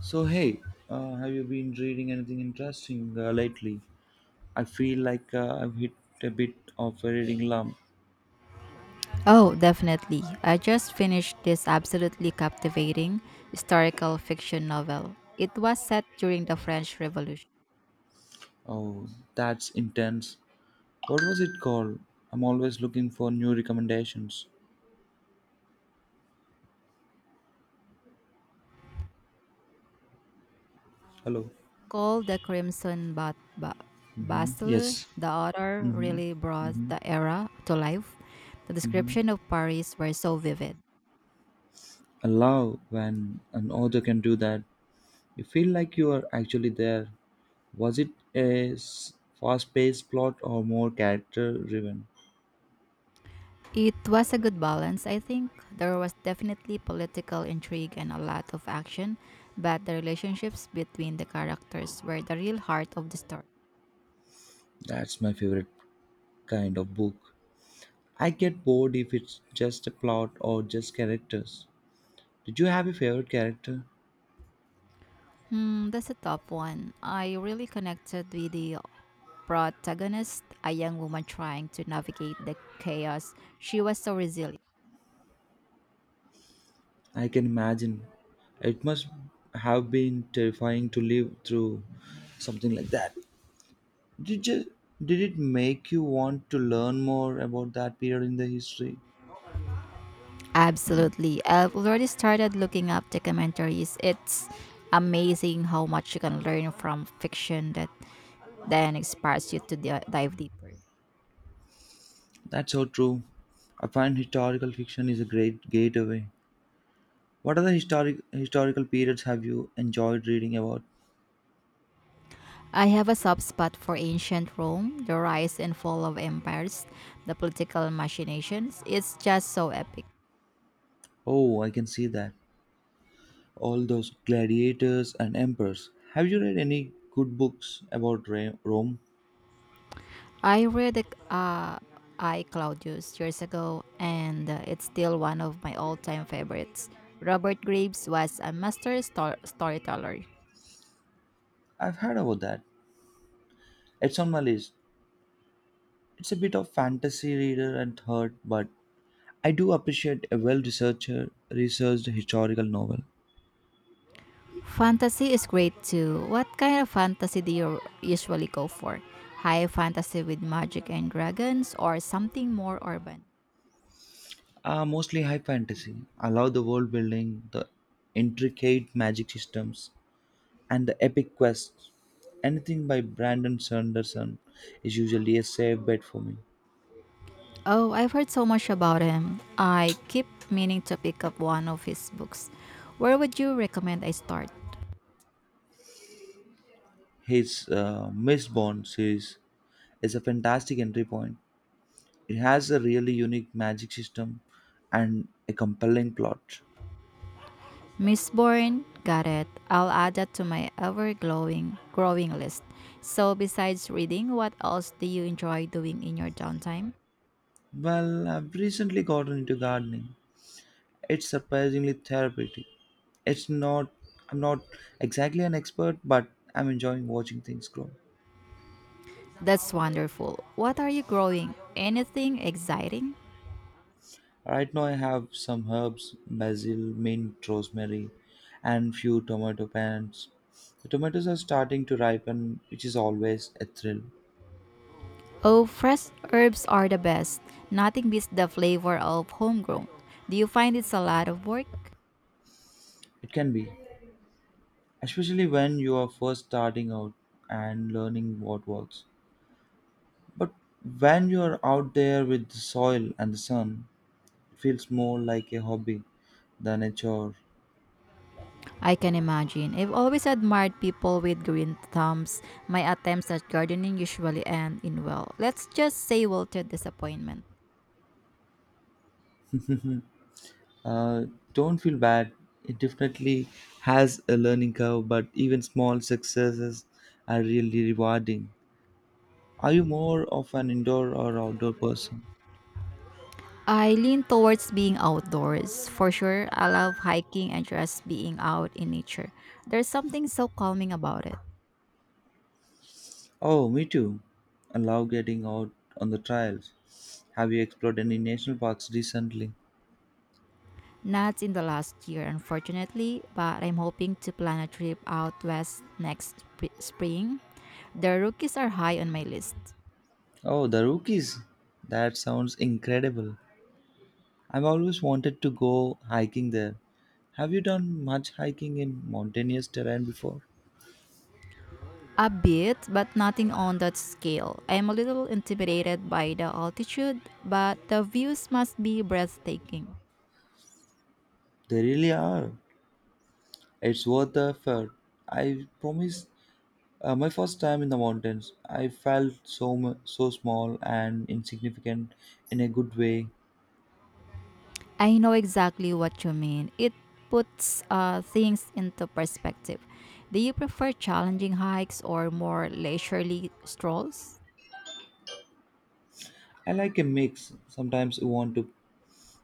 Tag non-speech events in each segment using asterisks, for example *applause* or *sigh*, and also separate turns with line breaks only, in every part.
So hey, have you been reading anything interesting lately? I feel like I've hit a bit of a reading lump.
Oh, definitely. I just finished this absolutely captivating historical fiction novel. It was set during the French Revolution.
Oh, that's intense. What was it called? I'm always looking for new recommendations. Hello.
It's called The Crimson Bastille.
Yes.
The author
Mm-hmm.
really brought the era to life. The
Mm-hmm.
description of Paris were so vivid.
I love when an author can do that. You feel like you are actually there. Was it a fast-paced plot or more character-driven?
It was a good balance, I think. There was definitely political intrigue and a lot of action, but the relationships between the characters were the real heart of the story.
That's my favorite kind of book. I get bored if it's just a plot or just characters. Did you have a favorite character?
Hmm, that's a tough one. I really connected with the protagonist, a young woman trying to navigate the chaos. She was so resilient.
I can imagine. It must have been terrifying to live through something like that. Did you, did it make you want to learn more about that period in the history?
Absolutely. I've already started looking up documentaries. It's amazing how much you can learn from fiction that then inspires you to dive deeper.
That's so true. I find historical fiction is a great gateway. What other historical periods have you enjoyed reading about?
I have a soft spot for ancient Rome, the rise and fall of empires, the political machinations. It's just so epic.
Oh, I can see that. All those gladiators and emperors. Have you read any good books about Rome?
I read the uh, I Claudius years ago, and it's still one of my all-time favorites. Robert Graves was a master storyteller.
I've heard about that. It's on my list. It's a bit of fantasy reader and third, but I do appreciate a well researcher researched historical novel.
Fantasy is great too. What kind of fantasy do you usually go for? High fantasy with magic and dragons, or something more urban?
Mostly high fantasy. I love the world building, the intricate magic systems, and the epic quests. Anything by Brandon Sanderson is usually a safe bet for me.
Oh, I've heard so much about him. I keep meaning to pick up one of his books. Where would you recommend I start?
His Miss Bond series is a fantastic entry point. It has a really unique magic system and a compelling plot.
Miss Bourne, got it. I'll add that to my ever glowing growing list. So besides reading, what else do you enjoy doing in your downtime?
Well, I've recently gotten into gardening. It's surprisingly therapeutic. It's not, I'm not exactly an expert, but I'm enjoying watching things grow.
That's wonderful. What are you growing? Anything exciting?
Right now, I have some herbs, basil, mint, rosemary, and few tomato plants. The tomatoes are starting to ripen, which is always a thrill.
Oh, fresh herbs are the best. Nothing beats the flavor of homegrown. Do you find it's a lot of work?
It can be, especially when you are first starting out and learning what works. But when you are out there with the soil and the sun, it feels more like a hobby than a chore.
I can imagine. I've always admired people with green thumbs. My attempts at gardening usually end in well, let's just say wilted disappointment.
Uh, don't feel bad. It definitely has a learning curve, but even small successes are really rewarding. Are you more of an indoor or outdoor person?
I lean towards being outdoors. For sure, I love hiking and just being out in nature. There's something so calming about it.
Oh, me too. I love getting out on the trails. Have you explored any national parks recently?
Not in the last year, unfortunately, but I'm hoping to plan a trip out west next spring. The Rockies are high on my list.
Oh, the Rockies. That sounds incredible. I've always wanted to go hiking there. Have you done much hiking in mountainous terrain before?
A bit, but nothing on that scale. I'm a little intimidated by the altitude, but the views must be breathtaking.
They really are. It's worth the effort. I promise. My first time in the mountains, I felt so so small and insignificant in a good way.
I know exactly what you mean. It puts things into perspective. Do you prefer challenging hikes or more leisurely strolls?
I like a mix. Sometimes I want to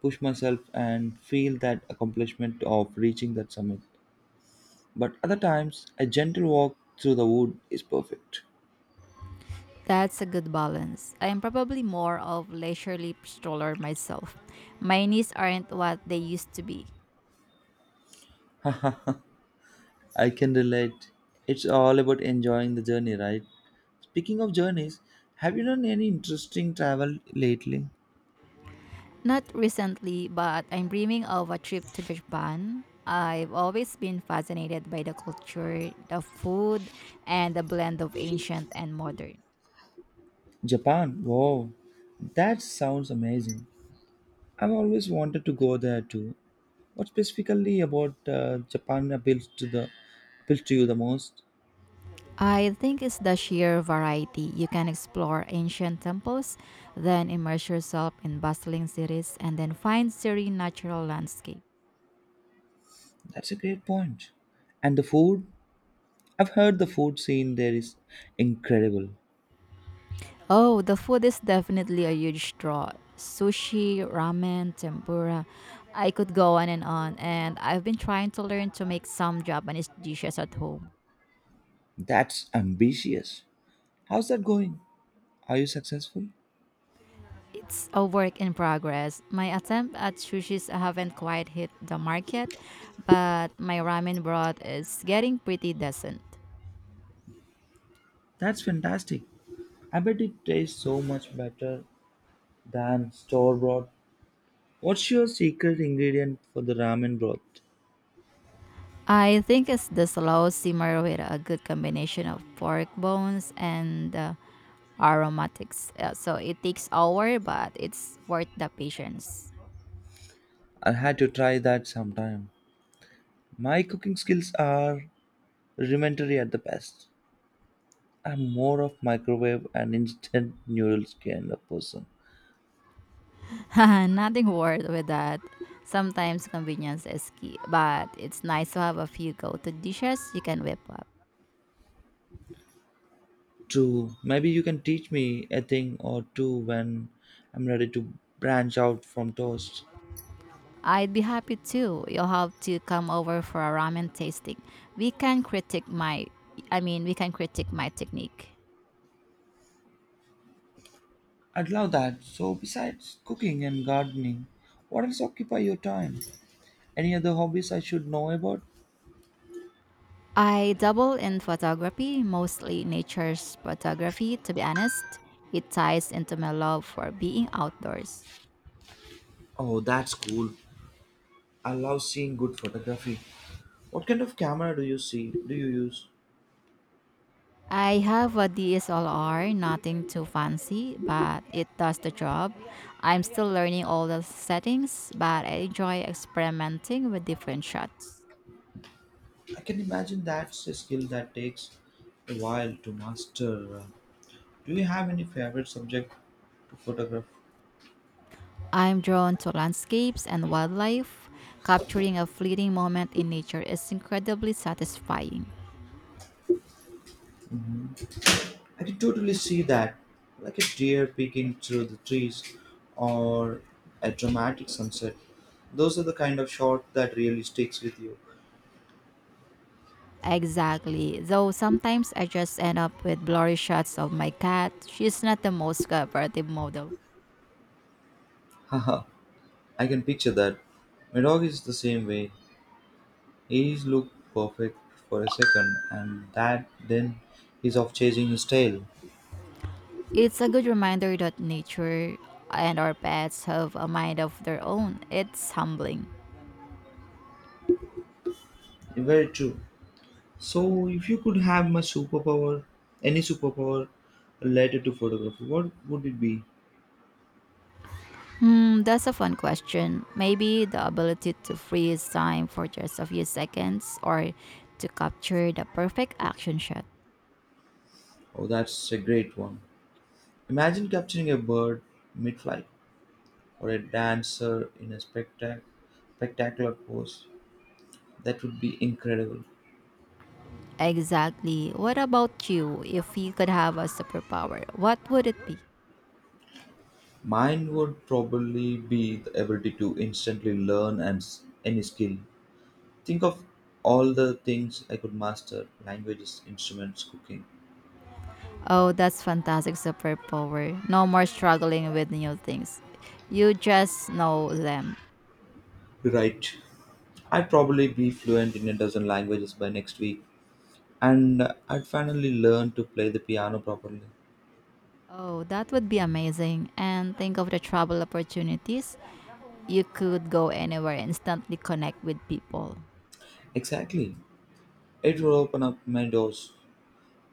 push myself and feel that accomplishment of reaching that summit, but other times a gentle walk through the wood is perfect.
That's a good balance. I am probably more of leisurely stroller myself. My knees aren't what they used to be.
I can relate. It's all about enjoying the journey, right? Speaking of journeys, have you done any interesting travel lately?
Not recently, but I'm dreaming of a trip to Japan. I've always been fascinated by the culture, the food, and the blend of ancient and modern.
Japan. Wow, that sounds amazing. I've always wanted to go there too. What specifically about Japan appeals to you the most?
I think it's the sheer variety. You can explore ancient temples, then immerse yourself in bustling cities, and then find serene natural landscape.
That's a great point. And the food? I've heard the food scene there is incredible.
Oh, the food is definitely a huge draw. Sushi, ramen, tempura. I could go on, and I've been trying to learn to make some Japanese dishes at home.
That's ambitious. How's that going? Are you successful?
It's a work in progress. My attempt at sushis haven't quite hit the market, but my ramen broth is getting pretty decent.
That's fantastic. I bet it tastes so much better than store bought. What's your secret ingredient for the ramen broth?
I think it's the slow simmer with a good combination of pork bones and aromatics. So it takes hour, but it's worth the patience.
I'll have to try that sometime. My cooking skills are rudimentary at the best. I'm more of microwave and instant noodles kind of person.
*laughs* Nothing worth with that. Sometimes convenience is key, but it's nice to have a few go-to dishes you can whip up.
True, maybe you can teach me a thing or two when I'm ready to branch out from toast.
I'd be happy too. You'll have to come over for a ramen tasting. We can critique my, we can critique my technique.
I'd love that. So, besides cooking and gardening, what else occupy your time? Any other hobbies I should know about?
I dabble in photography, mostly nature's photography, to be honest. It ties into my love for being outdoors.
Oh, that's cool. I love seeing good photography. What kind of camera do you see? Do you use?
I have a DSLR, nothing too fancy, but it does the job. I'm still learning all the settings, but I enjoy experimenting with different shots.
I can imagine that's a skill that takes a while to master. Do you have any favorite subject to photograph?
I'm drawn to landscapes and wildlife. Capturing a fleeting moment in nature is incredibly satisfying.
I can totally see that, like a deer peeking through the trees or a dramatic sunset. Those are the kind of shot that really sticks with you.
Exactly. Though sometimes I just end up with blurry shots of my cat. She's not the most cooperative model.
*laughs* Haha, I can picture that. My dog is the same way. He's looked perfect for a second, and that then he's off chasing his tail.
It's a good reminder that nature and our pets have a mind of their own. It's humbling.
Very true. So, if you could have my superpower, any superpower related to photography, what would it be?
Hmm, that's a fun question. Maybe the ability to freeze time for just a few seconds or to capture the perfect action shot.
Oh, that's a great one. Imagine capturing a bird mid flight or a dancer in a spectacular pose. That would be incredible.
Exactly. What about you? If you could have a superpower, what would it be?
Mine would probably be the ability to instantly learn any skill. Think of all the things I could master languages, instruments, cooking.
Oh, that's fantastic superpower. No more struggling with new things. You just know them.
Right. I'd probably be fluent in a dozen languages by next week, and I'd finally learn to play the piano properly.
Oh, that would be amazing. And think of the travel opportunities. You could go anywhere and instantly connect with people.
Exactly. It will open up my doors.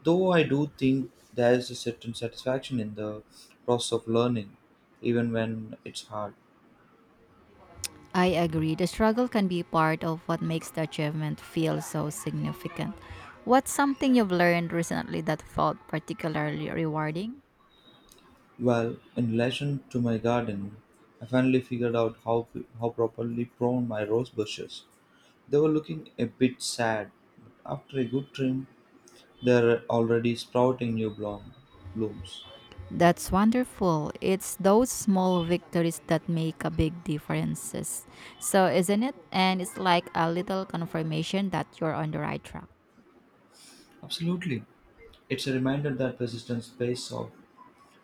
Though I do think there is a certain satisfaction in the process of learning, even when it's hard.
I agree. The struggle can be part of what makes the achievement feel so significant. What's something you've learned recently that felt particularly rewarding?
Well, in relation to my garden, I finally figured out how properly prone my rose bushes. They were looking a bit sad, but after a good trim, they're already sprouting blooms.
That's wonderful. It's those small victories that make a big differences. So, isn't it? And it's like a little confirmation that you're on the right track.
Absolutely, it's a reminder that persistence pays off.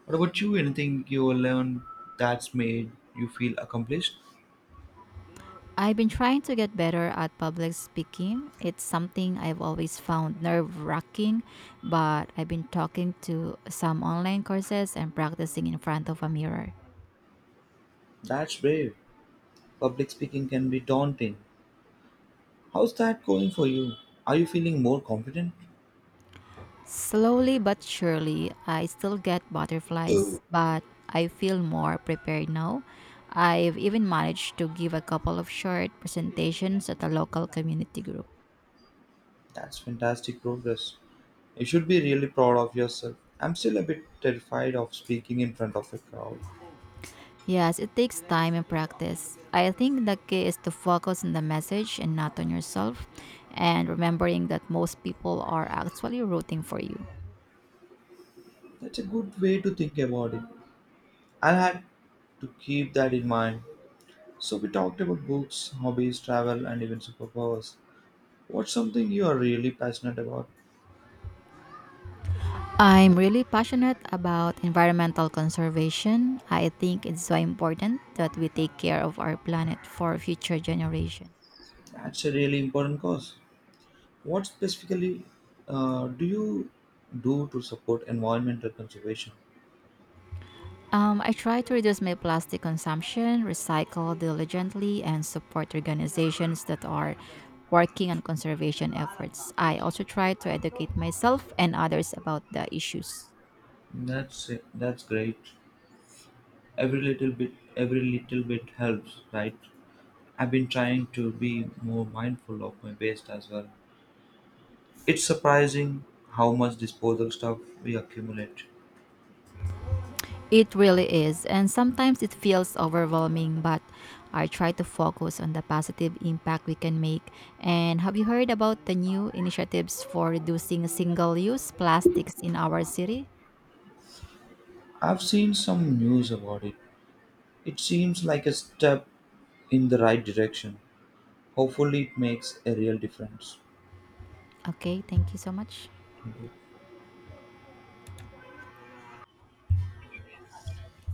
What about you? Anything you learned that's made you feel accomplished?
I've been trying to get better at public speaking. It's something I've always found nerve wracking, but I've been talking to some online courses and practicing in front of a mirror.
That's brave. Public speaking can be daunting. How's that going for you? Are you feeling more confident?
Slowly but surely, I still get
Oh,
butterflies, but I feel more prepared now. I've even managed to give a couple of short presentations at a local community group.
that's fantastic progress. You should be really proud of yourself. I'm still a bit terrified of speaking in front of a crowd.
Yes, it takes time and practice. I think the key is to focus on the message and not on yourself, and remembering that most people are actually rooting for you.
That's a good way to think about it. I had to keep that in mind. So, we talked about books, hobbies, travel, and even superpowers. What's something you are really passionate about?
I'm really passionate about environmental conservation. I think it's so important that we take care of our planet for future generations.
That's a really important cause. What specifically do you do to support environmental conservation?
I try to reduce my plastic consumption, recycle diligently, and support organizations that are working on conservation efforts. I also try to educate myself and others about the issues.
That's that's great. Every little bit helps, right? I've been trying to be more mindful of my waste as well. It's surprising how much disposal stuff we accumulate.
It really is, and sometimes it feels overwhelming, but I try to focus on the positive impact we can make. And have you heard about the new initiatives for reducing single use plastics in our city?
I've seen some news about it. It seems like a step in the right direction. Hopefully, it makes a real difference.
Okay, thank you so much.